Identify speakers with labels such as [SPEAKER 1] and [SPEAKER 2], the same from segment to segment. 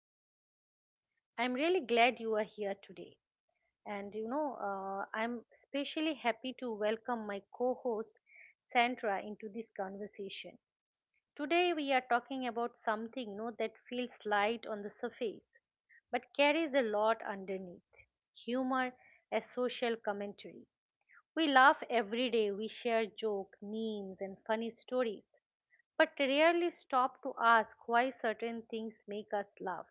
[SPEAKER 1] podcast. I'm really glad you are here today. I'm especially happy to welcome my co host Sandra into this conversation. Today, we are talking about something, that feels light on the surface but carries a lot underneath humor as social commentary. We laugh every day, we share jokes, memes, and funny stories but rarely stop to ask why certain things make us laugh.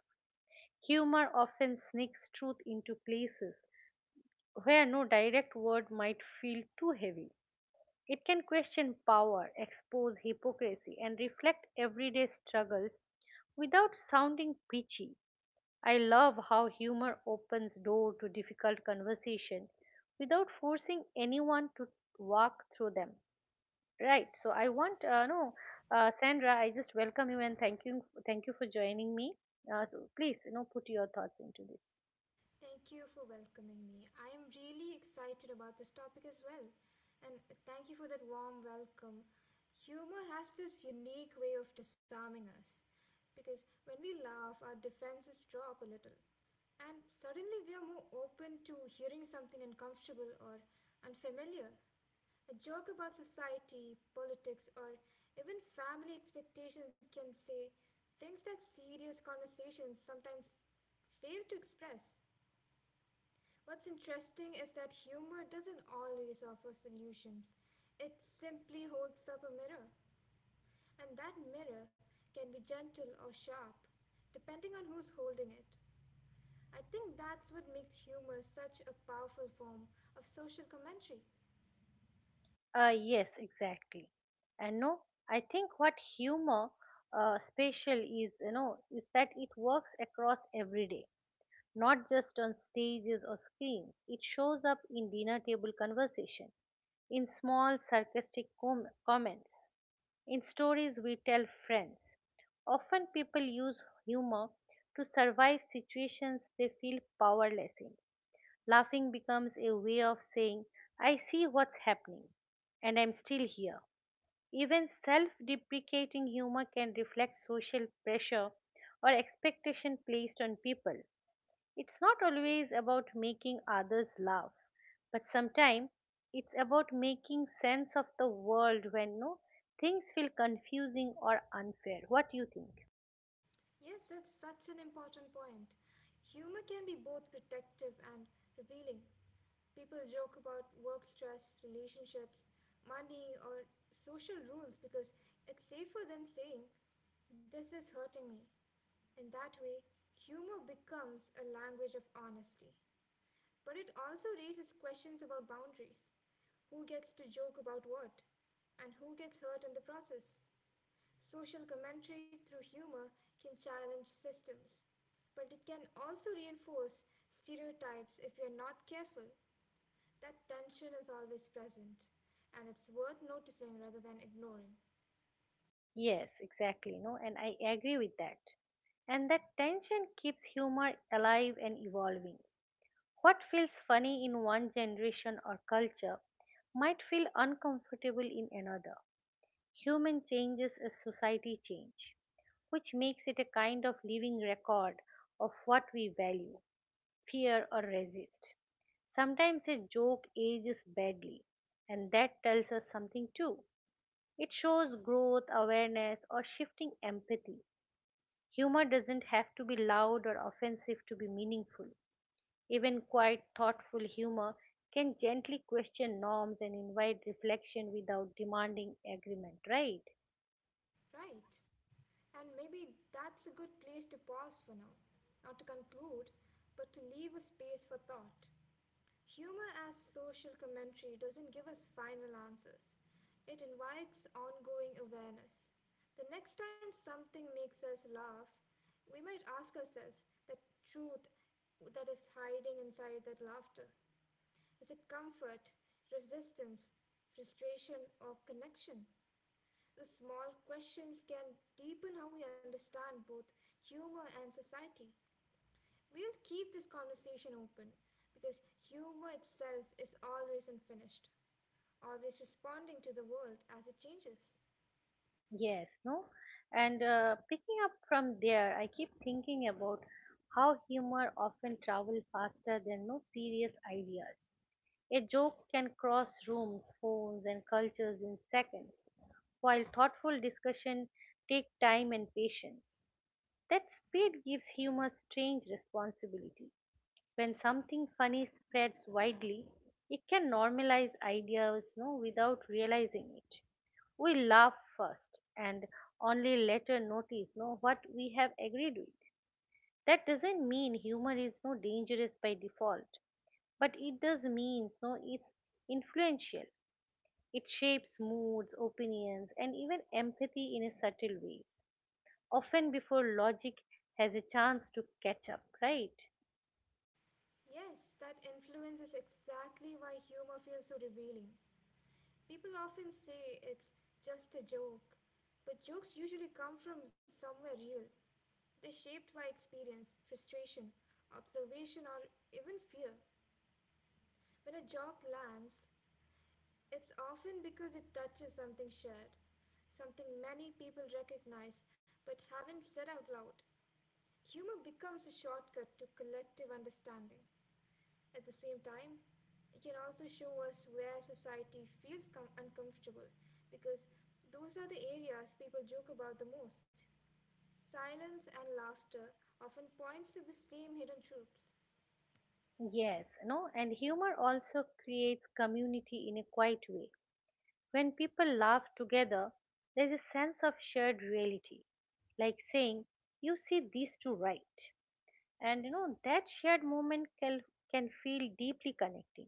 [SPEAKER 1] Humor often sneaks truth into places where no direct word might feel too heavy. It can question power, expose hypocrisy, and reflect everyday struggles without sounding preachy. I love how humor opens door to difficult conversation without forcing anyone to walk through them. Right. So I want no, Sandra, I just welcome you and thank you for joining me. So please, put your thoughts into this.
[SPEAKER 2] Thank you for welcoming me. I am really excited about this topic as well. And thank you for that warm welcome. Humor has this unique way of disarming us because when we laugh, our defenses drop a little, and suddenly we are more open to hearing something uncomfortable or unfamiliar. A joke about society, politics, or even family expectations can say things that serious conversations sometimes fail to express. What's interesting is that humor doesn't always offer solutions, it simply holds up a mirror. And that mirror can be gentle or sharp, depending on who's holding it. I think that's what makes humor such a powerful form of social commentary.
[SPEAKER 1] Yes, exactly. And no, I think what humor special is, is that it works across every day, not just on stages or screens. It shows up in dinner table conversation, in small sarcastic comments, in stories we tell friends. Often people use humor to survive situations they feel powerless in. Laughing becomes a way of saying, I see what's happening and I'm still here. Even self deprecating humor can reflect social pressure or expectation placed on people. It's not always about making others laugh, but sometimes it's about making sense of the world when no things feel confusing or unfair. What do you think?
[SPEAKER 2] Yes, that's such an important point. Humor can be both protective and revealing. People joke about work stress, relationships, money, or social rules because it's safer than saying, this is hurting me. In that way, humor becomes a language of honesty. But it also raises questions about boundaries, who gets to joke about what, and who gets hurt in the process. Social commentary through humor can challenge systems, but it can also reinforce stereotypes if we are not careful. That tension is always present, and it's worth noticing rather than ignoring.
[SPEAKER 1] Yes, exactly, no, and I agree with that. And that tension keeps humor alive and evolving. What feels funny in one generation or culture might feel uncomfortable in another. Human changes as society change, which makes it a kind of living record of what we value, fear, or resist. Sometimes a joke ages badly, and that tells us something too. It shows growth, awareness, or shifting empathy. Humor doesn't have to be loud or offensive to be meaningful. Even quite thoughtful humor can gently question norms and invite reflection without demanding agreement, right?
[SPEAKER 2] Right. And maybe that's a good place to pause for now. Not to conclude, but to leave a space for thought. Humor as social commentary doesn't give us final answers, it invites ongoing awareness. The next time something makes us laugh, we might ask ourselves the truth that is hiding inside that laughter. Is it comfort, resistance, frustration, or connection? The small questions can deepen how we understand both humor and society. We'll keep this conversation open because humor itself is always unfinished, always responding to the world as it changes.
[SPEAKER 1] Yes, no? And Picking up from there, I keep thinking about how humor often travels faster than no serious ideas. A joke can cross rooms, phones, and cultures in seconds, while thoughtful discussion take time and patience. That speed gives humor strange responsibility. When something funny spreads widely, it can normalize ideas no, without realizing it. We laugh first and only later notice no, what we have agreed with. That doesn't mean humor is no dangerous by default, but it does mean no, it's influential. It shapes moods, opinions, and even empathy in a subtle ways, often before logic has a chance to catch up, right?
[SPEAKER 2] Yes, that influence is exactly why humor feels so revealing. People often say it's just a joke, but jokes usually come from somewhere real. They're shaped by experience, frustration, observation, or even fear. When a joke lands, it's often because it touches something shared, something many people recognize but haven't said out loud. Humor becomes a shortcut to collective understanding. At the same time, it can also show us where society feels uncomfortable, because those are the areas people joke about the most. Silence and laughter often points to the same hidden truths.
[SPEAKER 1] Yes, no, and humor also creates community in a quiet way. When people laugh together, there's a sense of shared reality, like saying, "You see these two right," and you know that shared moment can feel deeply connecting,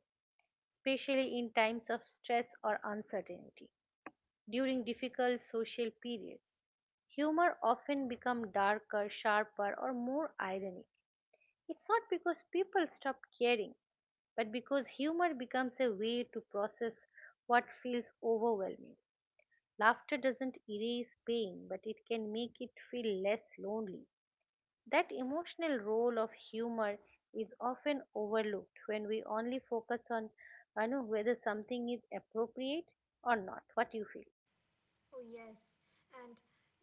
[SPEAKER 1] especially in times of stress or uncertainty. During difficult social periods, humor often becomes darker, sharper, or more ironic. It's not because people stop caring but because humor becomes a way to process what feels overwhelming. Laughter doesn't erase pain, but it can make it feel less lonely. That emotional role of humor is often overlooked when we only focus on I know whether something is appropriate or not. What do you feel?
[SPEAKER 2] Oh, yes, and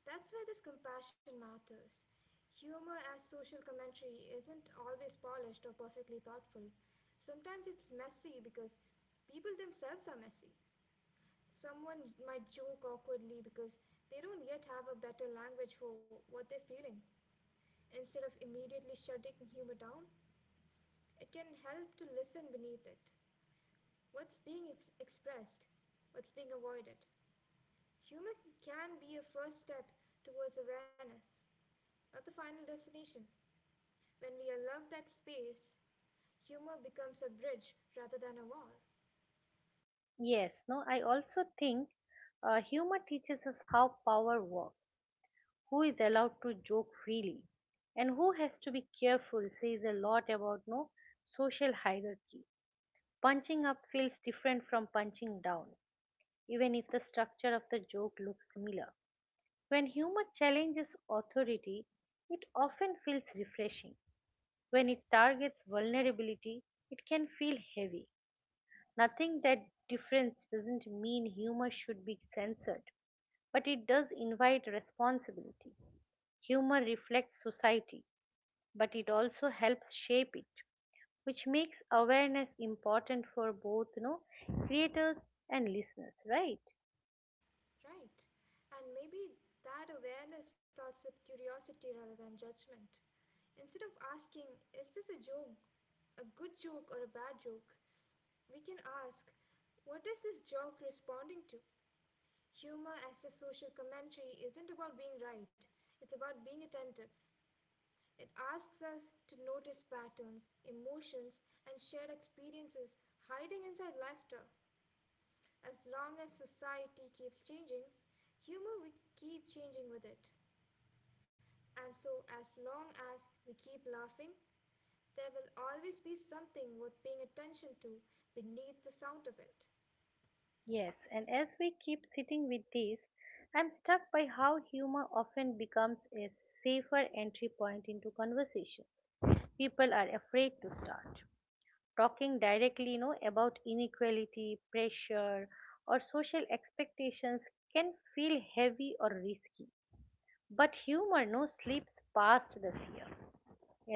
[SPEAKER 2] that's where this compassion matters. Humor as social commentary isn't always polished or perfectly thoughtful. Sometimes it's messy because people themselves are messy. Someone might joke awkwardly because they don't yet have a better language for what they're feeling. Instead of immediately shutting humor down, it can help to listen beneath it. What's being expressed? What's being avoided? Humor can be a first step towards awareness, not the final destination. When we allow that space, humor becomes a bridge rather than a wall,
[SPEAKER 1] Yes, no, I also think humor teaches us how power works who is allowed to joke freely and who has to be careful says a lot about no social hierarchy. Punching up feels different from punching down, even if the structure of the joke looks similar. When humor challenges authority, it often feels refreshing. When it targets vulnerability, it can feel heavy. Nothing that difference doesn't mean humor should be censored, but it does invite responsibility. Humor reflects society, but it also helps shape it which makes awareness important for both creators and listeners right
[SPEAKER 2] right? And maybe that awareness starts with curiosity rather than judgment. Instead of asking, is this a joke, a good joke or a bad joke, we can ask, what is this joke responding to? Humor as the social commentary isn't about being right, it's about being attentive. It asks us to notice patterns, emotions, and shared experiences hiding inside laughter. As long as society keeps changing, humor will keep changing with it. And so, as long as we keep laughing, there will always be something worth paying attention to beneath the sound of it.
[SPEAKER 1] yes and as we keep sitting with this I'm struck by how humor often becomes a safer entry point into conversation people are afraid to start talking directly about inequality pressure or social expectations can feel heavy or risky but humor no slips past the fear.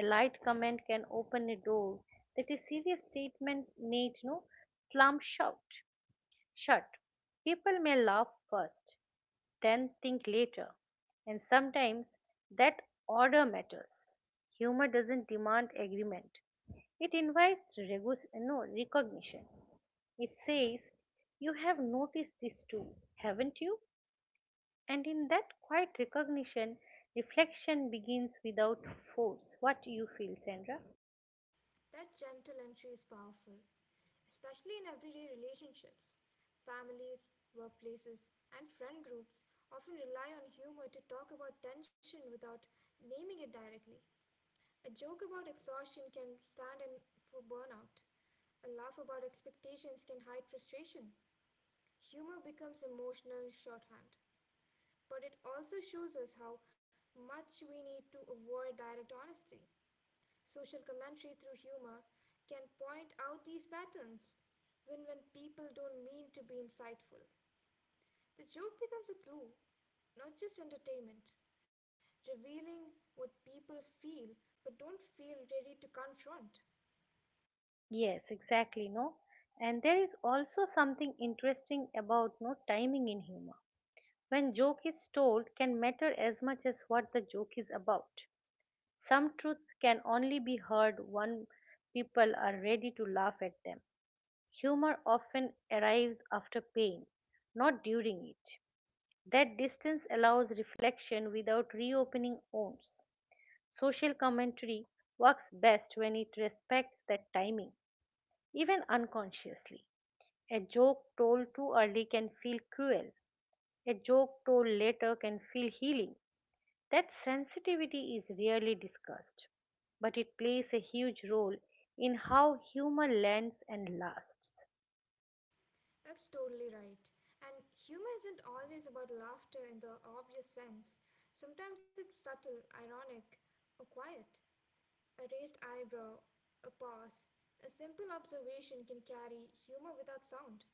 [SPEAKER 1] A light comment can open a door that a serious statement need no slam shut. Shut. People may laugh first, then think later, and sometimes that order matters. Humor doesn't demand agreement. It invites no, recognition. It says, You have noticed this too, haven't you? And in that quiet recognition, reflection begins without force. What do you feel, Sandra?
[SPEAKER 2] That gentle entry is powerful, especially in everyday relationships. Families, workplaces, and friend groups often rely on humor to talk about tension without naming it directly. A joke about exhaustion can stand in for burnout. A laugh about expectations can hide frustration. Humor becomes emotional shorthand, but it also shows us how much we need to avoid direct honesty. Social commentary through humor can point out these patterns. When people don't mean to be insightful, the joke becomes a clue, not just entertainment, revealing what people feel but don't feel ready to confront.
[SPEAKER 1] Yes, exactly, no. And there is also something interesting about no timing in humor. When joke is told can matter as much as what the joke is about. Some truths can only be heard when people are ready to laugh at them. Humor often arrives after pain, not during it. That distance allows reflection without reopening wounds. Social commentary works best when it respects that timing, even unconsciously. A joke told too early can feel cruel. A joke told later can feel healing. That sensitivity is rarely discussed, but it plays a huge role in how humor lands and lasts.
[SPEAKER 2] That's totally right. And humor isn't always about laughter in the obvious sense. Sometimes it's subtle, ironic, or quiet. A raised eyebrow, a pause, a simple observation can carry humor without sound.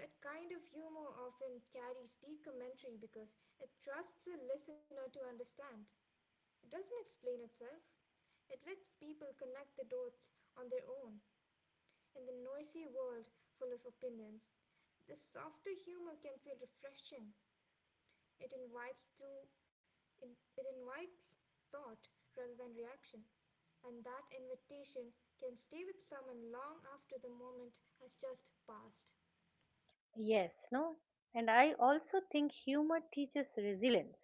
[SPEAKER 2] That kind of humor often carries deep commentary because it trusts the listener to understand. It doesn't explain itself. It lets people connect the dots on their own in the noisy world full of opinions. The softer humor can feel refreshing. It invites through it, it invites thought rather than reaction, and that invitation can stay with someone long after the moment has just passed.
[SPEAKER 1] Yes, no? And I also think humor teaches resilience.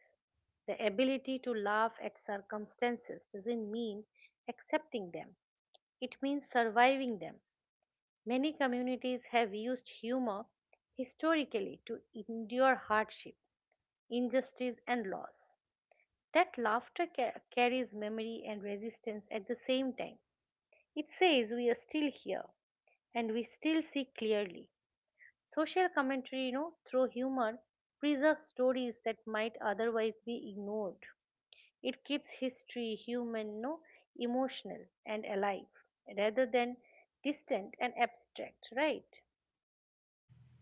[SPEAKER 1] The ability to laugh at circumstances doesn't mean accepting them, it means surviving them. Many communities have used humor historically to endure hardship, injustice, and loss. That laughter carries memory and resistance at the same time. It says we are still here and we still see clearly. Social commentary, through humor, preserves stories that might otherwise be ignored. It keeps history human, no, emotional, and alive rather than distant and abstract, right?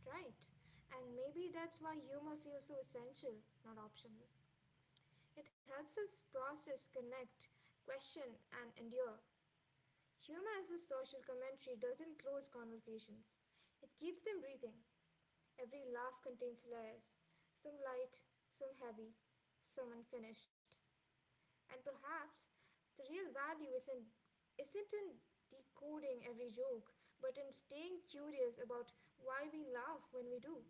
[SPEAKER 2] Right. And maybe that's why humor feels so essential, not optional. It helps us process, connect, question, and endure. Humor as a social commentary doesn't close conversations, it keeps them breathing. Every laugh contains layers, some light, some heavy, some unfinished. And perhaps the real value isn't in decoding every joke, but in staying curious about why we laugh when we do.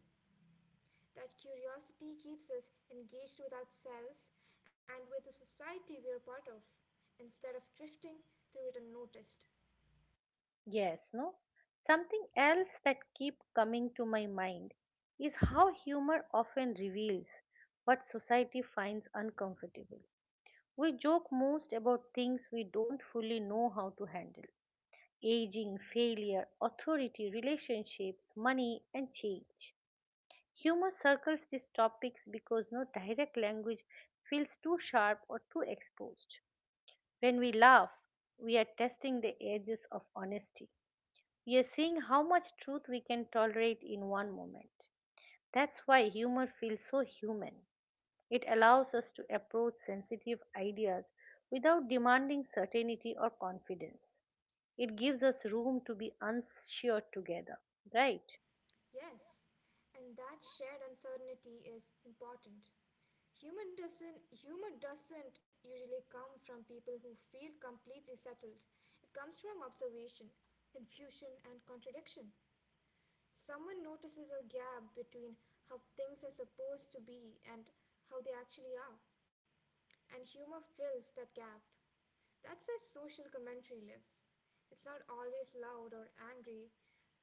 [SPEAKER 2] That curiosity keeps us engaged with ourselves and with the society we are part of, instead of drifting through it unnoticed.
[SPEAKER 1] Yes, no? Something else that keep coming to my mind is how humor often reveals what society finds uncomfortable. We joke most about things we don't fully know how to handle. Aging, failure, authority, relationships, money and change. Humor circles these topics because no direct language feels too sharp or too exposed. When we laugh, we are testing the edges of honesty we are seeing how much truth we can tolerate in one moment. That's why humor feels so human. It allows us to approach sensitive ideas without demanding certainty or confidence. It gives us room to be unsure together, right?
[SPEAKER 2] Yes, and that shared uncertainty is important. Human doesn't humor doesn't usually come from people who feel completely settled. It comes from observation, confusion and contradiction. Someone notices a gap between how things are supposed to be and how they actually are, and humor fills that gap. That's where social commentary lives. It's not always loud or angry.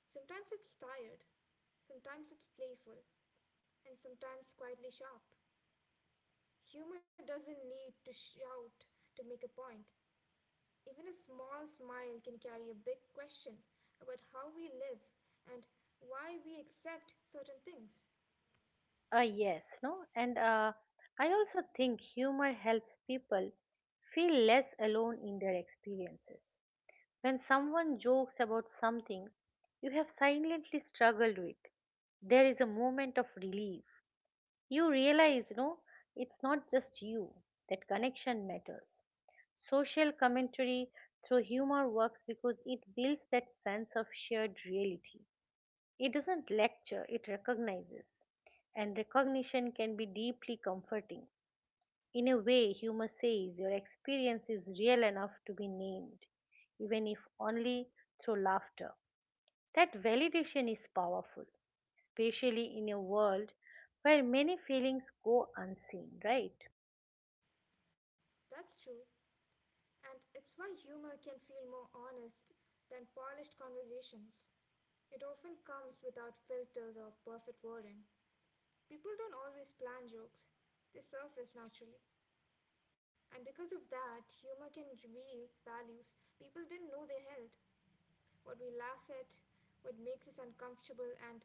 [SPEAKER 2] Sometimes it's tired, sometimes it's playful, and sometimes quietly sharp. Humor doesn't need to shout to make a point. Even a small smile can carry a big question about how we live and why we accept certain things.
[SPEAKER 1] Yes, no? And I also think humor helps people feel less alone in their experiences. When someone jokes about something you have silently struggled with, there is a moment of relief. You realize, no, it's not just you, that connection matters. Social commentary through humor works because it builds that sense of shared reality. It doesn't lecture, it recognizes. And recognition can be deeply comforting. In a way, humor says your experience is real enough to be named, even if only through laughter. That validation is powerful, especially in a world where many feelings go unseen, right?
[SPEAKER 2] That's true, and it's why humor can feel more honest than polished conversations. It often comes without filters or perfect wording. People don't always plan jokes, they surface naturally. And because of that, humor can reveal values people didn't know they held. What we laugh at, what makes us uncomfortable, and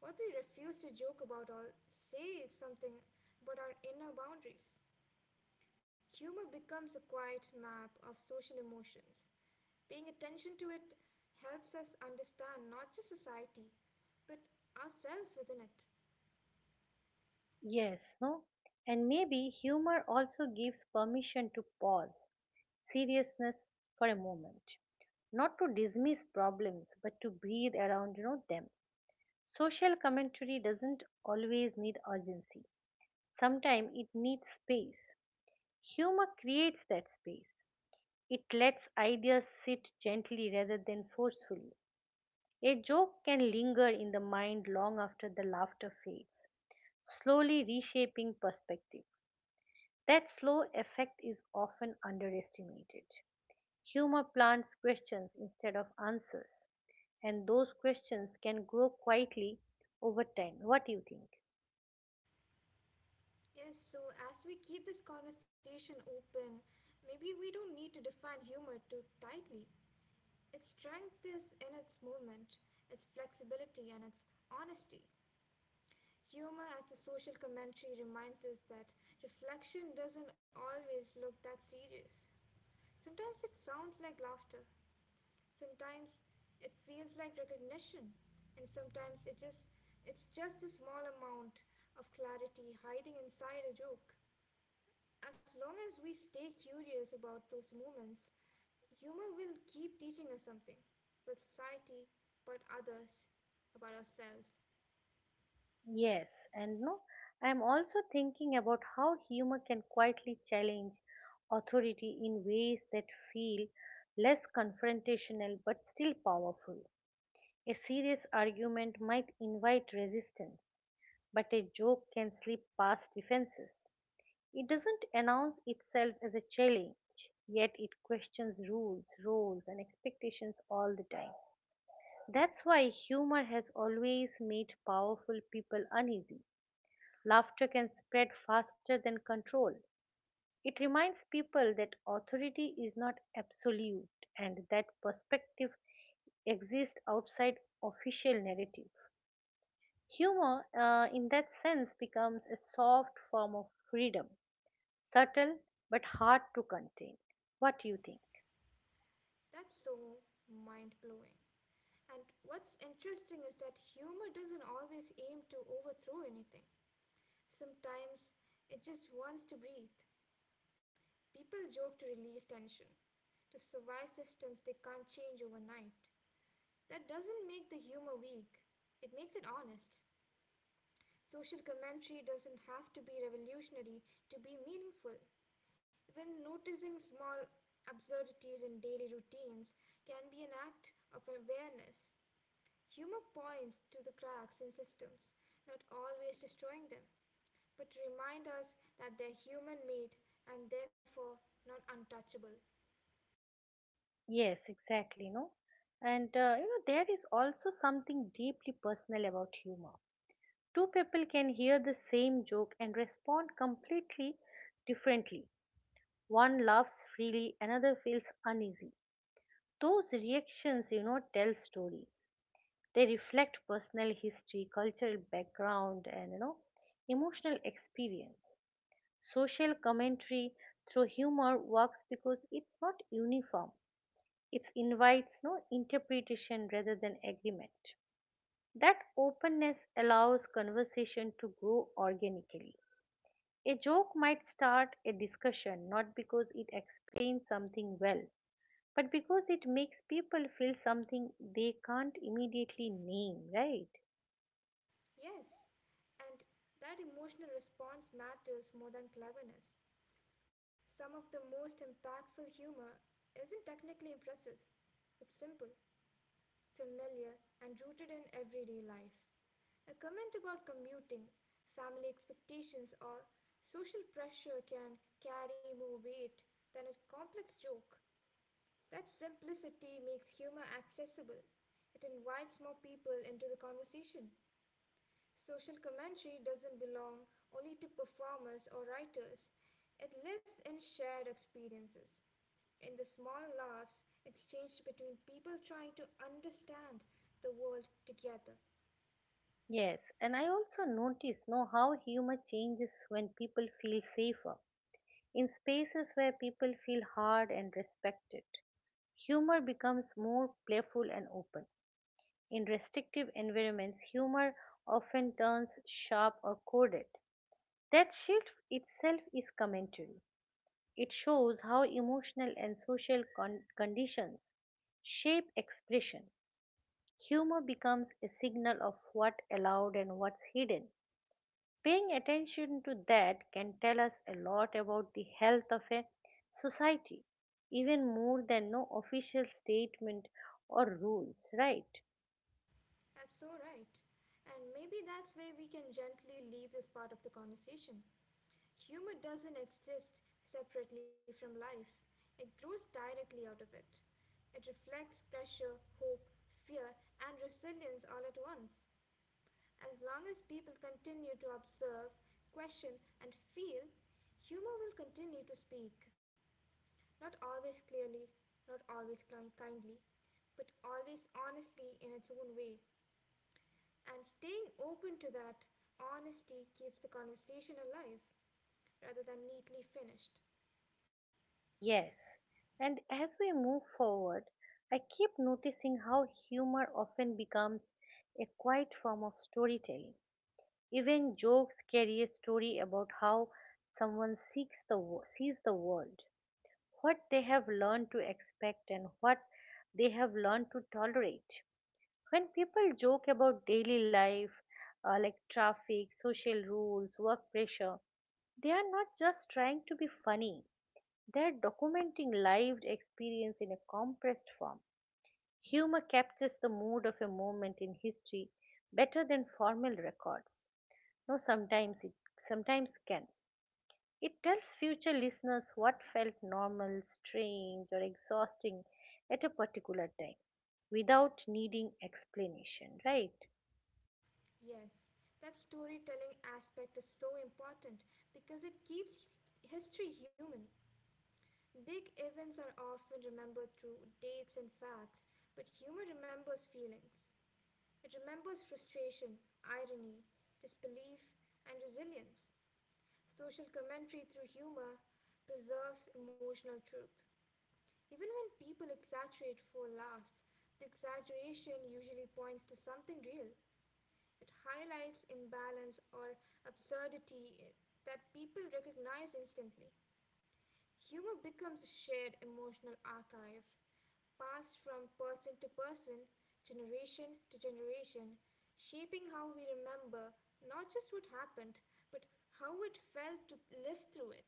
[SPEAKER 2] what we refuse to joke about or say is something but our inner boundaries. Humor becomes a quiet map of social emotions. Paying attention to it helps us understand not just society, but ourselves within it.
[SPEAKER 1] Yes, no? And maybe humor also gives permission to pause seriousness for a moment, not to dismiss problems, but to breathe around them. Social commentary doesn't always need urgency. Sometimes it needs space. Humor creates that space. It lets ideas sit gently rather than forcefully. A joke can linger in the mind long after the laughter fades, slowly reshaping perspective. That slow effect is often underestimated. Humor plants questions instead of answers, and those questions can grow quietly over time. What do you think?
[SPEAKER 2] Yes, so as we keep this conversation open, maybe we don't need to define humor too tightly. Its strength is in its movement, its flexibility, and its honesty. Humor as a social commentary reminds us that reflection doesn't always look that serious. Sometimes it sounds like laughter, sometimes it feels like recognition, and sometimes it's just a small amount of clarity hiding inside a joke. As long as we stay curious about those moments, humor will keep teaching us something about society, about others, about ourselves.
[SPEAKER 1] Yes, and no, I am also thinking about how humor can quietly challenge authority in ways that feel less confrontational but still powerful. A serious argument might invite resistance, but a joke can slip past defenses. It doesn't announce itself as a challenge, yet it questions rules, roles, and expectations all the time. That's why humor has always made powerful people uneasy. Laughter can spread faster than control. It reminds people that authority is not absolute and that perspective exists outside official narrative. Humor, in that sense, becomes a soft form of freedom, subtle but hard to contain. What do you think?
[SPEAKER 2] That's so mind blowing. And what's interesting is that humor doesn't always aim to overthrow anything. Sometimes it just wants to breathe. People joke to release tension, to survive systems they can't change overnight. That doesn't make the humor weak, it makes it honest. Social commentary doesn't have to be revolutionary to be meaningful. Even noticing small absurdities in daily routines can be an act of awareness. Humor points to the cracks in systems, not always destroying them, but to remind us that they're human made and therefore not untouchable.
[SPEAKER 1] Yes, exactly. No, and there is also something deeply personal about humor. Two people can hear the same joke and respond completely differently. One laughs freely, another feels uneasy. Those reactions, tell stories. They reflect personal history, cultural background, and emotional experience. Social commentary through humor works because it's not uniform. It invites no interpretation rather than agreement. That openness allows conversation to grow organically. A joke might start a discussion not because it explains something well, but because it makes people feel something they can't immediately name, right?
[SPEAKER 2] Yes, and that emotional response matters more than cleverness. Some of the most impactful humor isn't technically impressive, it's simple, familiar, and rooted in everyday life. A comment about commuting, family expectations, or social pressure can carry more weight than a complex joke. That simplicity makes humor accessible. It invites more people into the conversation. Social commentary doesn't belong only to performers or writers, it lives in shared experiences in the small laughs exchanged between people trying to understand the world together.
[SPEAKER 1] Yes, and I also notice know how humor changes when people feel safer. In spaces where people feel hard and respected, humor becomes more playful and open. In restrictive environments, humor often turns sharp or coded. That shift itself is commentary. It shows how emotional and social conditions shape expression. Humor becomes a signal of what's allowed and what's hidden. Paying attention to that can tell us a lot about the health of a society, even more than no official statement or rules, right?
[SPEAKER 2] That's so right. And maybe that's where we can gently leave this part of the conversation. Humor doesn't exist separately from life, it grows directly out of it. It reflects pressure, hope, fear, and resilience all at once. As long as people continue to observe, question, and feel, humor will continue to speak. Not always clearly, not always kindly, but always honestly in its own way. And staying open to that honesty keeps the conversation alive rather than neatly finished.
[SPEAKER 1] Yes. And as we move forward, I keep noticing how humor often becomes a quiet form of storytelling. Even jokes carry a story about how someone sees the world, what they have learned to expect and what they have learned to tolerate. When people joke about daily life, like traffic, social rules, work pressure, they are not just trying to be funny. They are documenting lived experience in a compressed form. Humor captures the mood of a moment in history better than formal records. No, sometimes can. It tells future listeners what felt normal, strange, or exhausting at a particular time without needing explanation, right?
[SPEAKER 2] Yes, that storytelling aspect is so important because it keeps history human. Big events are often remembered through dates and facts, but humor remembers feelings. It remembers frustration, irony, disbelief, and resilience. Social commentary through humor preserves emotional truth. Even when people exaggerate for laughs, the exaggeration usually points to something real. It highlights imbalance or absurdity that people recognize instantly. Humor becomes a shared emotional archive passed from person to person, generation to generation, shaping how we remember not just what happened, but how it felt to live through it.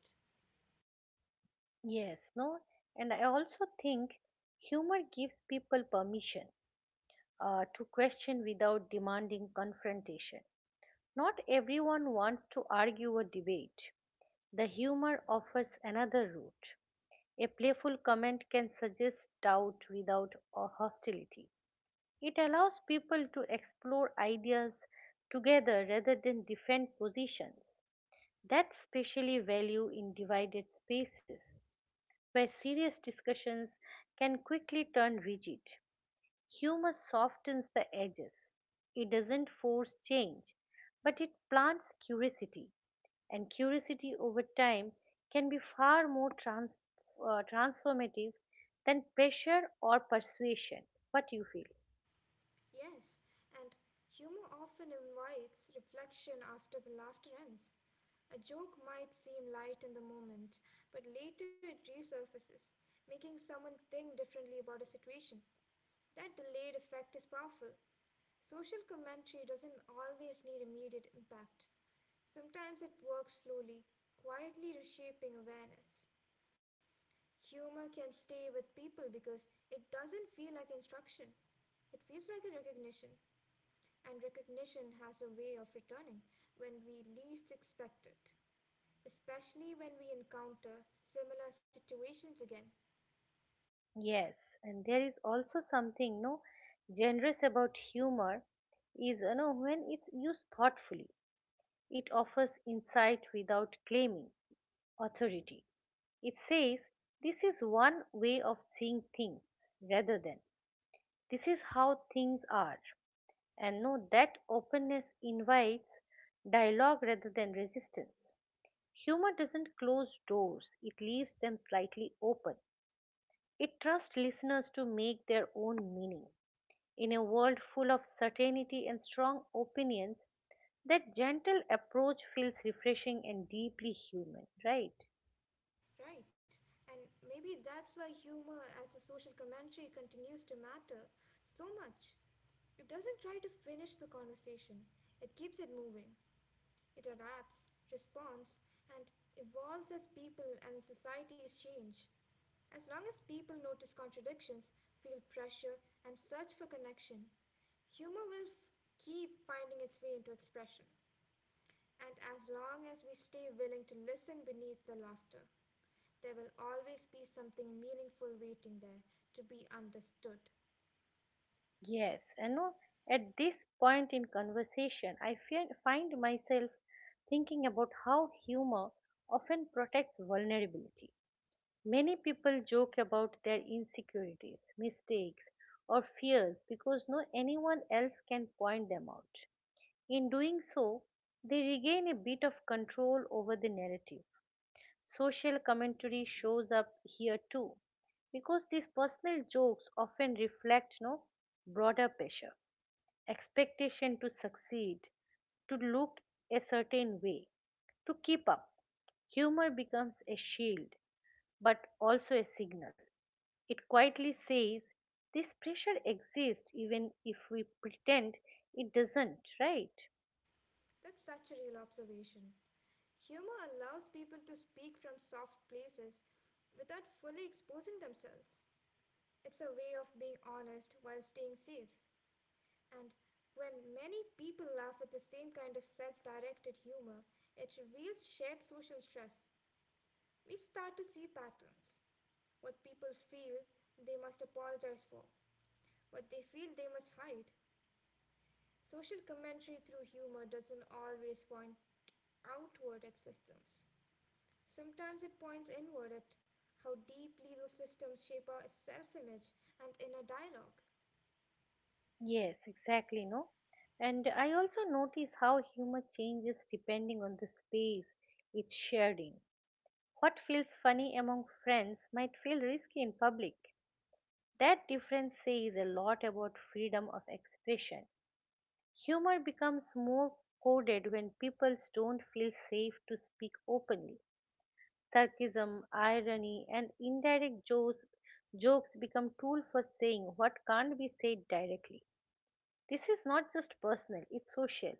[SPEAKER 1] Yes, no? And I also think humor gives people permission to question without demanding confrontation. Not everyone wants to argue or debate. The humor offers another route. A playful comment can suggest doubt without hostility. It allows people to explore ideas together rather than defend positions. That's specially value in divided spaces, where serious discussions can quickly turn rigid. Humor softens the edges. It doesn't force change, but it plants curiosity, and curiosity over time can be far more transformative than pressure or persuasion. What do you feel?
[SPEAKER 2] Yes, and humor often invites reflection after the laughter ends. A joke might seem light in the moment, but later it resurfaces, making someone think differently about a situation. That delayed effect is powerful. Social commentary doesn't always need immediate impact. Sometimes it works slowly, quietly reshaping awareness. Humor can stay with people because it doesn't feel like instruction. It feels like a recognition, and recognition has a way of returning when we least expect it, especially when we encounter similar situations again.
[SPEAKER 1] Yes, and there is also something no generous about humor is you know when it's used thoughtfully, it offers insight without claiming authority. It says this is one way of seeing things rather than this is how things are. And know that openness invites dialogue rather than resistance. Humor doesn't close doors, it leaves them slightly open. It trusts listeners to make their own meaning. In a world full of certainty and strong opinions, that gentle approach feels refreshing and deeply human, right?
[SPEAKER 2] Right. And maybe that's why humor as a social commentary continues to matter so much. It doesn't try to finish the conversation, it keeps it moving. It adapts, responds, and evolves as people and societies change. As long as people notice contradictions, feel pressure, and search for connection, humor will f- keep finding its way into expression. And as long as we stay willing to listen beneath the laughter, there will always be something meaningful waiting there to be understood.
[SPEAKER 1] Yes, I know. At this point in conversation, find myself thinking about how humor often protects vulnerability. Many people joke about their insecurities, mistakes, or fears because no anyone else can point them out. In doing so, they regain a bit of control over the narrative. Social commentary shows up here too, because these personal jokes often reflect no broader pressure, expectation to succeed, to look a certain way, to keep up. Humor becomes a shield, but also a signal. It quietly says this pressure exists even if we pretend it doesn't, right?
[SPEAKER 2] That's such a real observation. Humor allows people to speak from soft places without fully exposing themselves. It's a way of being honest while staying safe. And when many people laugh at the same kind of self directed humor, it reveals shared social stress. We start to see patterns, what people feel they must apologize for, what they feel they must hide. Social commentary through humor doesn't always point outward at systems. Sometimes it points inward at how deeply those systems shape our self image and inner dialogue.
[SPEAKER 1] Yes, exactly, no? And I also notice how humor changes depending on the space it's shared in. What feels funny among friends might feel risky in public. That difference says a lot about freedom of expression. Humor becomes more coded when people don't feel safe to speak openly. Sarcasm, irony, and indirect jokes become tool for saying what can't be said directly. This is not just personal, it's social.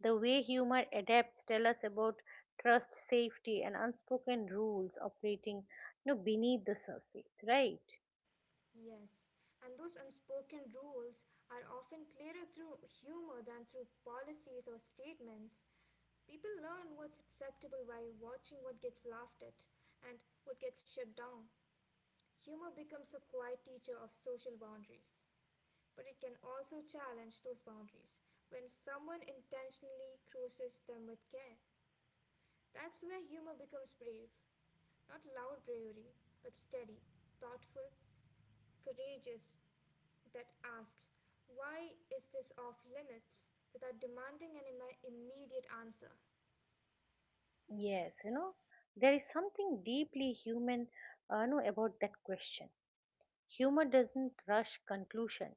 [SPEAKER 1] The way humor adapts tell us about trust, safety, and unspoken rules operating, you know, beneath the surface, right?
[SPEAKER 2] Yes, and those unspoken rules are often clearer through humor than through policies or statements. People learn what's acceptable by watching what gets laughed at and what gets shut down. Humor becomes a quiet teacher of social boundaries, but it can also challenge those boundaries when someone intentionally crosses them with care. That's where humor becomes brave, not loud bravery, but steady, thoughtful, courageous, that asks, why is this off limits? Without demanding an immediate answer.
[SPEAKER 1] Yes, you know, there is something deeply human you know, about that question. Humor doesn't rush conclusion.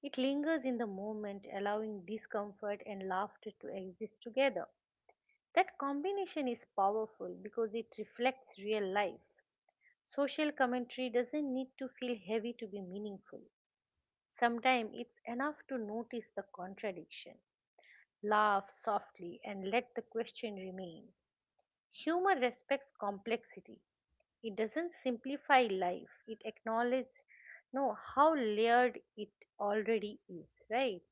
[SPEAKER 1] It lingers in the moment, allowing discomfort and laughter to exist together. That combination is powerful because it reflects real life. Social commentary doesn't need to feel heavy to be meaningful. Sometimes it's enough to notice the contradiction, laugh softly, and let the question remain. Humor respects complexity. It doesn't simplify life. It acknowledges no how layered it already is, right?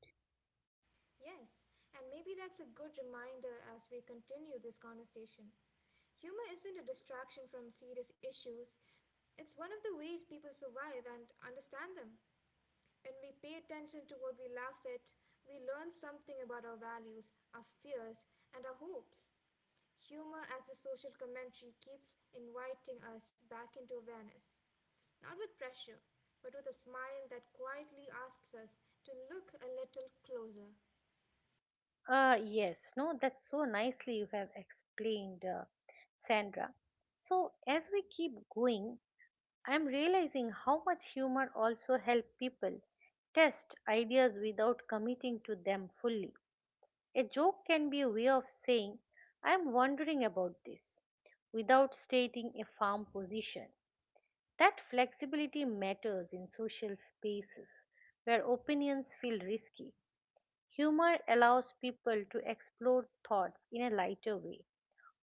[SPEAKER 2] Yes, and maybe that's a good reminder as we continue this conversation. Humor isn't a distraction from serious issues, it's one of the ways people survive and understand them. When we pay attention to what we laugh at, we learn something about our values, our fears, and our hopes. Humor as a social commentary keeps inviting us back into awareness. Not with pressure, but with a smile that quietly asks us to look a little closer.
[SPEAKER 1] Yes, no, that's so nicely you have explained, Sandra. So, as we keep going, I'm realizing how much humor also helps people test ideas without committing to them fully. A joke can be a way of saying, I'm wondering about this, without stating a firm position. That flexibility matters in social spaces where opinions feel risky. Humor allows people to explore thoughts in a lighter way,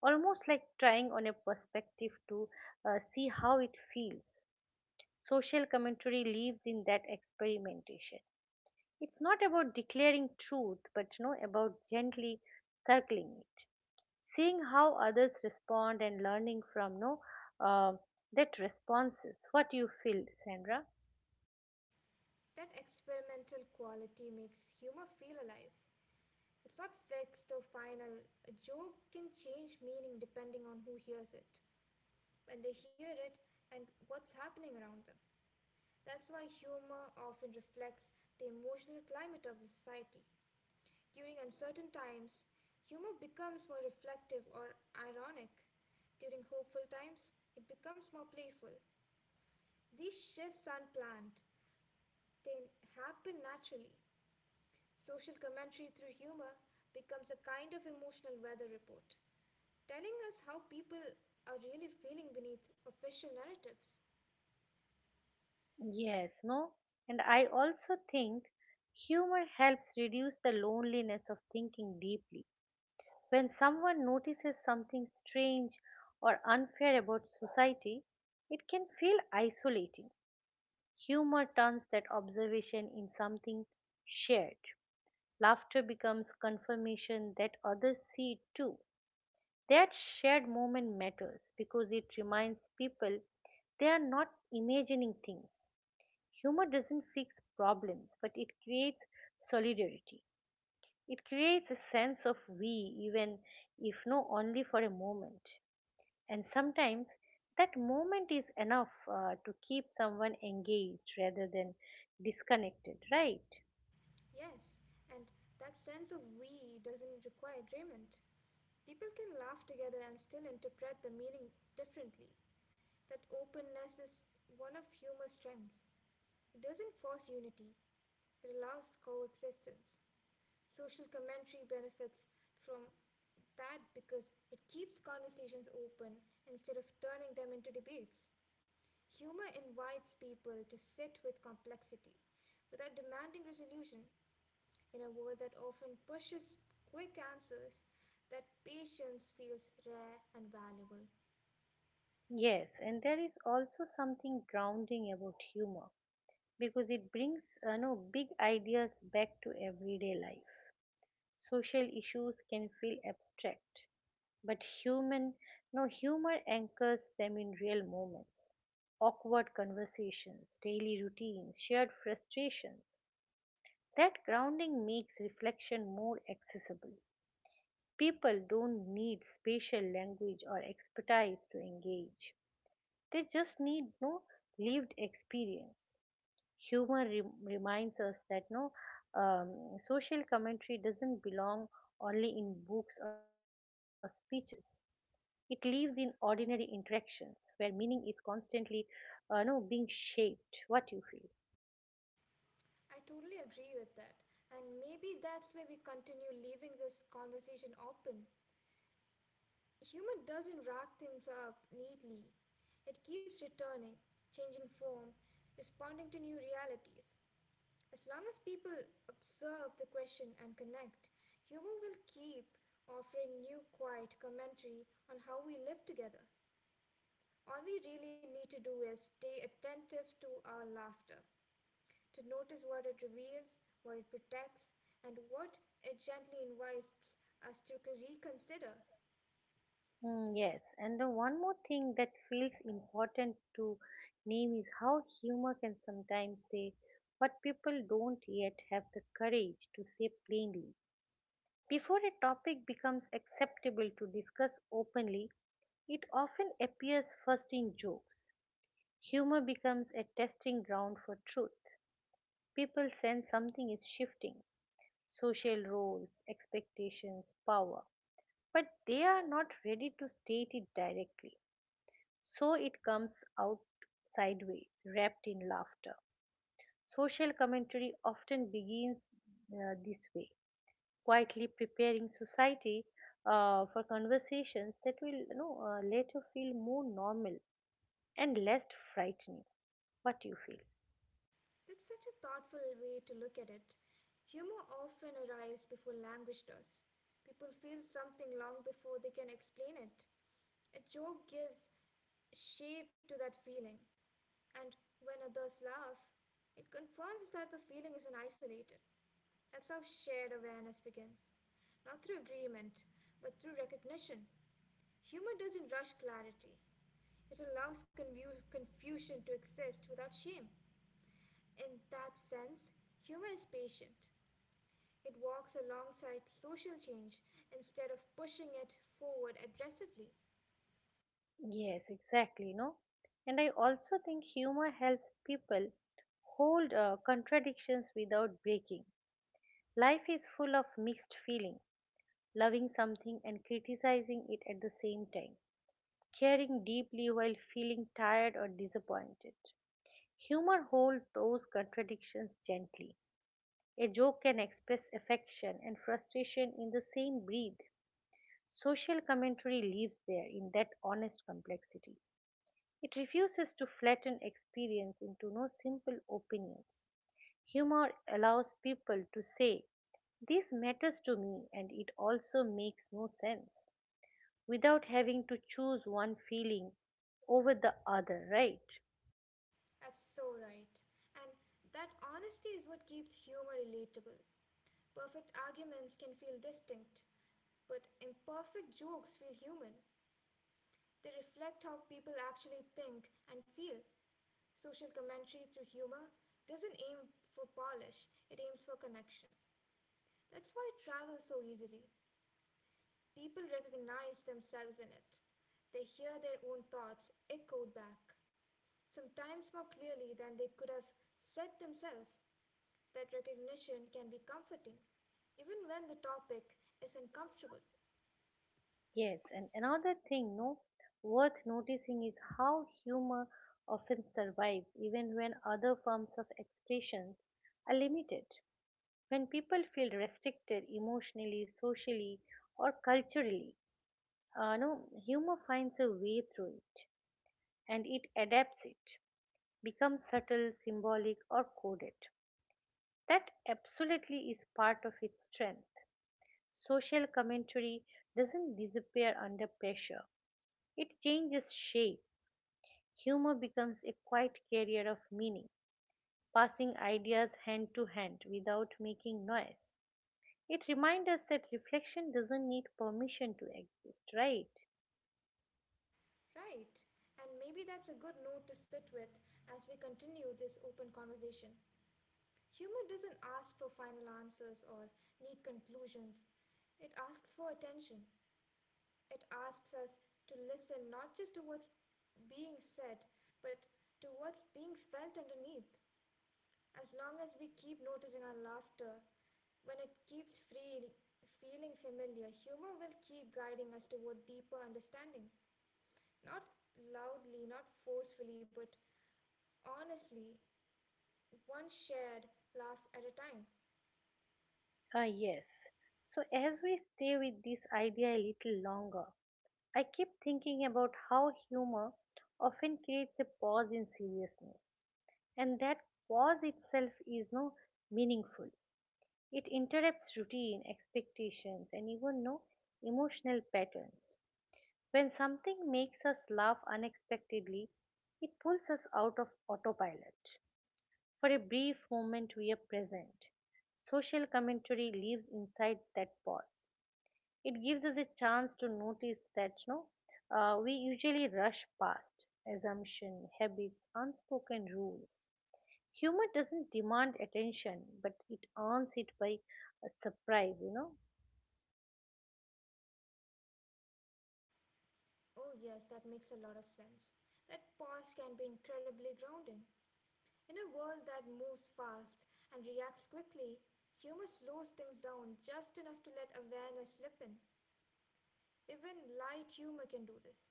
[SPEAKER 1] almost like trying on a perspective to see how it feels. Social commentary lives in that experimentation. It's not about declaring truth, but you know, about gently circling it, seeing how others respond and learning from you know, uh, that responses. What do you feel, Sandra?
[SPEAKER 2] That experimental quality makes humor feel alive. It's not fixed or final. A joke can change meaning depending on who hears it, when they hear it, and what's happening around them. That's why humor often reflects the emotional climate of the society. During uncertain times, humor becomes more reflective or ironic. During hopeful times, it becomes more playful. These shifts aren't planned, they happen naturally. Social commentary through humor becomes a kind of emotional weather report, telling us how people are really feeling beneath official narratives.
[SPEAKER 1] Yes, no? And I also think humor helps reduce the loneliness of thinking deeply. When someone notices something strange or unfair about society, it can feel isolating. Humor turns that observation in something shared. Laughter becomes confirmation that others see it too. That shared moment matters because it reminds people they are not imagining things. Humor doesn't fix problems, but it creates solidarity. It creates a sense of we, even if no only for a moment. And sometimes that moment is enough to keep someone engaged rather than disconnected, right?
[SPEAKER 2] Yes, and that sense of we doesn't require agreement. People can laugh together and still interpret the meaning differently. That openness is one of humor's strengths. It doesn't force unity, it allows coexistence. Social commentary benefits from that, because it keeps conversations open instead of turning them into debates. Humor invites people to sit with complexity without demanding resolution in a world that often pushes quick answers, that patience feels rare and valuable.
[SPEAKER 1] Yes, and there is also something grounding about humor because it brings no big ideas back to everyday life. Social issues can feel abstract, but human, no humor anchors them in real moments. Awkward conversations, daily routines, shared frustrations. That grounding makes reflection more accessible. People don't need spatial language or expertise to engage. They just need no lived experience. Reminds us that no social commentary doesn't belong only in books or speeches. It lives in ordinary interactions where meaning is constantly no, being shaped. What you feel?
[SPEAKER 2] I totally agree with that. And maybe that's why we continue leaving this conversation open. Humor doesn't rack things up neatly. It keeps returning, changing form, responding to new realities. As long as people observe the question and connect, humor will keep offering new quiet commentary on how we live together. All we really need to do is stay attentive to our laughter, to notice what it reveals, what it protects, and what it gently invites us to reconsider.
[SPEAKER 1] Mm, yes, and the one more thing that feels important to name is how humor can sometimes say what people don't yet have the courage to say plainly. Before a topic becomes acceptable to discuss openly, it often appears first in jokes. Humor becomes a testing ground for truth. People sense something is shifting, social roles, expectations, power, but they are not ready to state it directly. So it comes out sideways, wrapped in laughter. Social commentary often begins this way, quietly preparing society for conversations that will you know, later feel more normal and less frightening. What do you feel?
[SPEAKER 2] That's such a thoughtful way to look at it. Humor often arrives before language does. People feel something long before they can explain it. A joke gives shape to that feeling, and when others laugh, it confirms that the feeling isn't isolated. That's how shared awareness begins. Not through agreement, but through recognition. Humor doesn't rush clarity, it allows confusion to exist without shame. In that sense, humor is patient. It walks alongside social change instead of pushing it forward aggressively.
[SPEAKER 1] Yes, exactly, no? And I also think humor helps people hold contradictions without breaking. Life is full of mixed feelings, loving something and criticizing it at the same time, caring deeply while feeling tired or disappointed. Humor holds those contradictions gently. A joke can express affection and frustration in the same breath. Social commentary lives there in that honest complexity. It refuses to flatten experience into no simple opinions. Humor allows people to say, this matters to me and it also makes no sense, without having to choose one feeling over the other, right?
[SPEAKER 2] That's so right. And that honesty is what keeps humor relatable. Perfect arguments can feel distinct, but imperfect jokes feel human. They reflect how people actually think and feel. Social commentary through humor doesn't aim for polish, it aims for connection. That's why it travels so easily. People recognize themselves in it. They hear their own thoughts echoed back, sometimes more clearly than they could have said themselves. That recognition can be comforting, even when the topic is uncomfortable,
[SPEAKER 1] Yes, and another thing, no, worth noticing is how humor often survives even when other forms of expression are limited. When people feel restricted emotionally, socially, or culturally, no, humor finds a way through it and it adapts it, becomes subtle, symbolic, or coded. That absolutely is part of its strength. Social commentary doesn't disappear under pressure, it changes shape. Humor becomes a quiet carrier of meaning, passing ideas hand to hand without making noise. It reminds us that reflection doesn't need permission to exist, right?
[SPEAKER 2] right? And maybe that's a good note to sit with as we continue this open conversation. Humor doesn't ask for final answers or neat conclusions, it asks for attention. It asks us to listen not just to what's being said, but to what's being felt underneath. As long as we keep noticing our laughter, when it keeps free, feeling familiar, humor will keep guiding us toward deeper understanding. Not loudly, not forcefully, but honestly, one shared laugh at a time.
[SPEAKER 1] Ah, yes. So, as we stay with this idea a little longer, I keep thinking about how humor often creates a pause in seriousness, and that pause itself is no meaningful. It interrupts routine, expectations, and even no emotional patterns. When something makes us laugh unexpectedly, it pulls us out of autopilot. For a brief moment, we are present. Social commentary lives inside that pause. It gives us a chance to notice that no we usually rush past assumption habits unspoken rules. Humor doesn't demand attention but it earns it by a surprise, you know.
[SPEAKER 2] Oh, yes, that makes a lot of sense. That pause can be incredibly grounding. In a world that moves fast and reacts quickly, humor slows things down just enough to let awareness slip in. Even light humor can do this.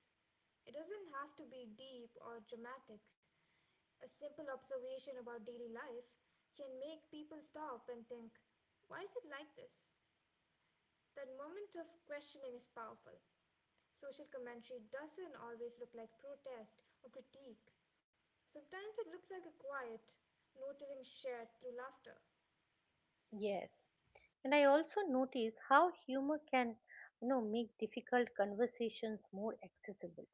[SPEAKER 2] It doesn't have to be deep or dramatic. A simple observation about daily life can make people stop and think, why is it like this? That moment of questioning is powerful. Social commentary doesn't always look like protest or critique. Sometimes it looks like a quiet, noticing shared through laughter.
[SPEAKER 1] Yes, and I also notice how humor can, you know, make difficult conversations more accessible.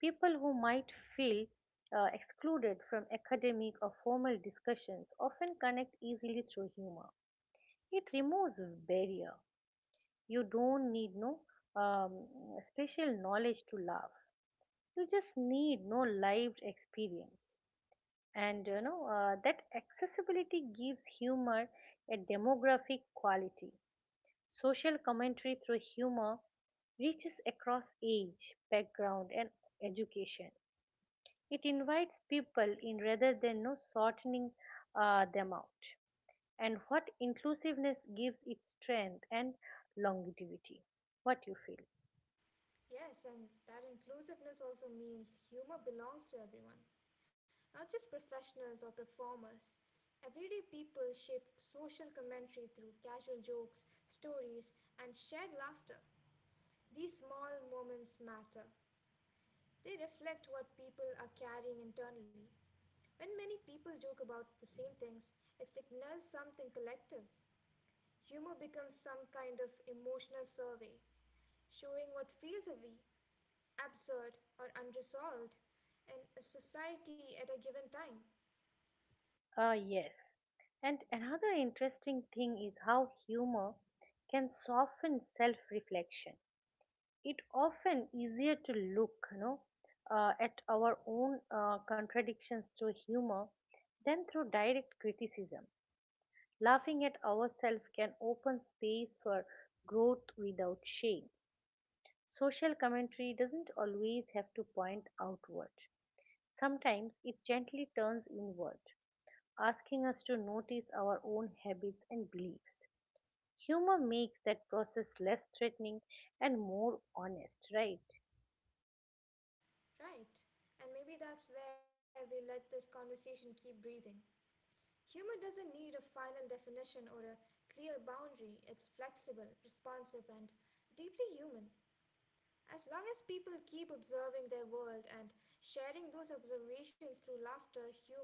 [SPEAKER 1] People who might feel excluded from academic or formal discussions often connect easily through humor. It removes barrier. You don't need no um, special knowledge to laugh. You just need no lived experience. And you know that accessibility gives humor a demographic quality. Social commentary through humor reaches across age, background, and education. It invites people in rather than no sorting them out. And what inclusiveness gives its strength and longevity. What you feel?
[SPEAKER 2] Yes, and that inclusiveness also means humor belongs to everyone, not just professionals or performers. Everyday people shape social commentary through casual jokes, stories, and shared laughter. These small moments matter. They reflect what people are carrying internally. When many people joke about the same things, it signals something collective. Humor becomes some kind of emotional survey, showing what feels heavy, absurd, or unresolved in a society at a given time,
[SPEAKER 1] Yes. And another interesting thing is how humor can soften self reflection. It often easier to look, you know, at our own contradictions through humor than through direct criticism. Laughing at ourselves can open space for growth without shame. Social commentary doesn't always have to point outward. Sometimes it gently turns inward asking us to notice our own habits and beliefs. Humor makes that process less threatening and more honest, right?
[SPEAKER 2] right? And maybe that's where we let this conversation keep breathing. Humor doesn't need a final definition or a clear boundary, it's flexible, responsive, and deeply human. As long as people keep observing their world and sharing those observations through laughter, humor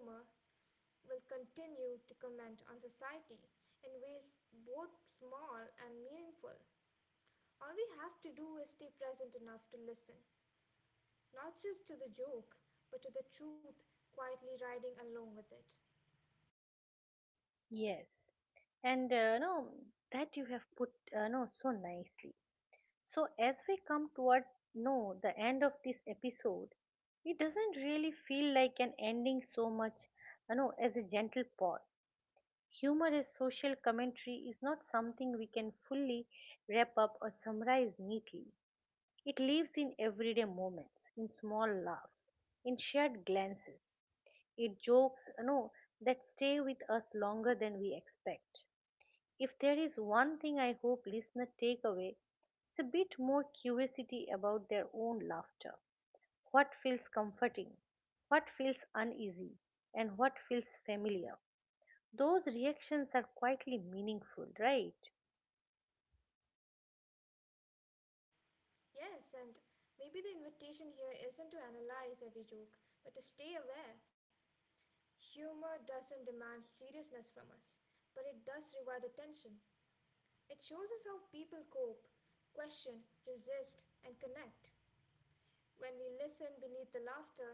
[SPEAKER 2] will continue to comment on society in ways both small and meaningful. All we have to do is stay present enough to listen, not just to the joke, but to the truth quietly riding along with it.
[SPEAKER 1] Yes. And no, that you have put no so nicely. So as we come toward no the end of this episode, it doesn't really feel like an ending so much, you know, as a gentle pause. Humor as social commentary is not something we can fully wrap up or summarize neatly. It lives in everyday moments, in small laughs, in shared glances, in jokes you know, that stay with us longer than we expect. If there is one thing I hope listeners take away, it's a bit more curiosity about their own laughter. What feels comforting, what feels uneasy, and what feels familiar. Those reactions are quietly meaningful, right?
[SPEAKER 2] Yes, and maybe the invitation here isn't to analyze every joke, but to stay aware. Humor doesn't demand seriousness from us, but it does reward attention. It shows us how people cope, question, resist, and connect. When we listen beneath the laughter,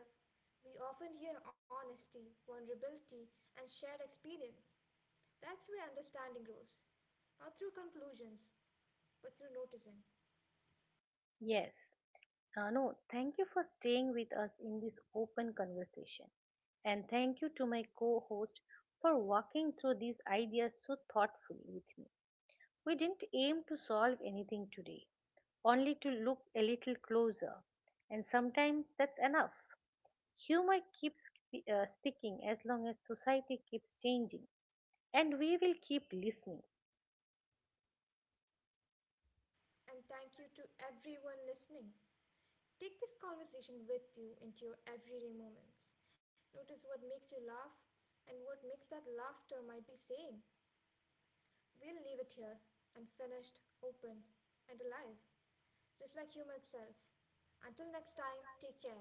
[SPEAKER 2] we often hear honesty, vulnerability, and shared experience. That's where understanding grows. Not through conclusions, but through noticing.
[SPEAKER 1] Yes, no, thank you for staying with us in this open conversation. And thank you to my co host for walking through these ideas so thoughtfully with me. We didn't aim to solve anything today, only to look a little closer. And sometimes that's enough. Humor keeps speaking as long as society keeps changing, and we will keep listening.
[SPEAKER 2] And thank you to everyone listening. Take this conversation with you into your everyday moments. Notice what makes you laugh and what makes that laughter might be saying. We'll leave it here, unfinished, open, and alive. Just like humor itself. Until next time, take care.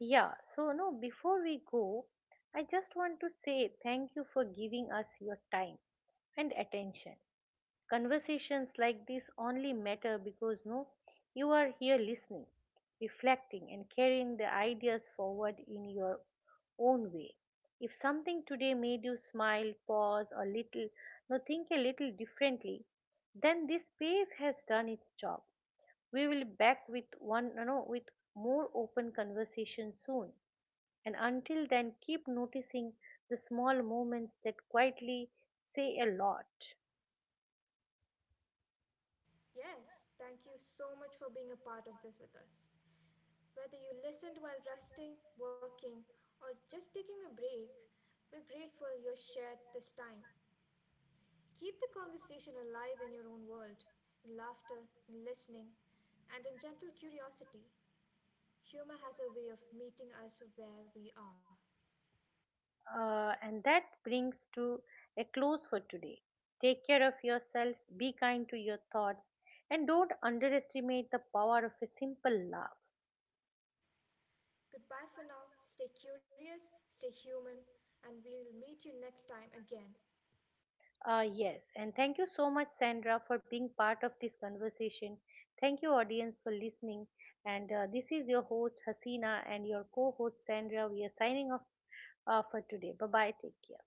[SPEAKER 1] Yeah, so no, before we go, I just want to say thank you for giving us your time and attention. Conversations like this only matter because no, you are here listening, reflecting, and carrying the ideas forward in your own way. If something today made you smile, pause, or little, no, think a little differently, then this space has done its job. We will back with one, you know, with more open conversation soon, and until then keep noticing the small moments that quietly say a lot.
[SPEAKER 2] Yes, thank you so much for being a part of this with us. Whether you listened while resting, working, or just taking a break, we're grateful you shared this time. Keep the conversation alive in your own world, in laughter, in listening, and in gentle curiosity. Humor has a way of meeting us where we are.
[SPEAKER 1] And that brings to a close for today. Take care of yourself, be kind to your thoughts, and don't underestimate the power of a simple laugh.
[SPEAKER 2] Goodbye for now. Stay curious, stay human, and we'll meet you next time again.
[SPEAKER 1] Yes, and thank you so much, Sandra, for being part of this conversation. Thank you, audience, for listening. And this is your host, Hasina, and your co host, Sandra. We are signing off for today. Bye bye. Take care.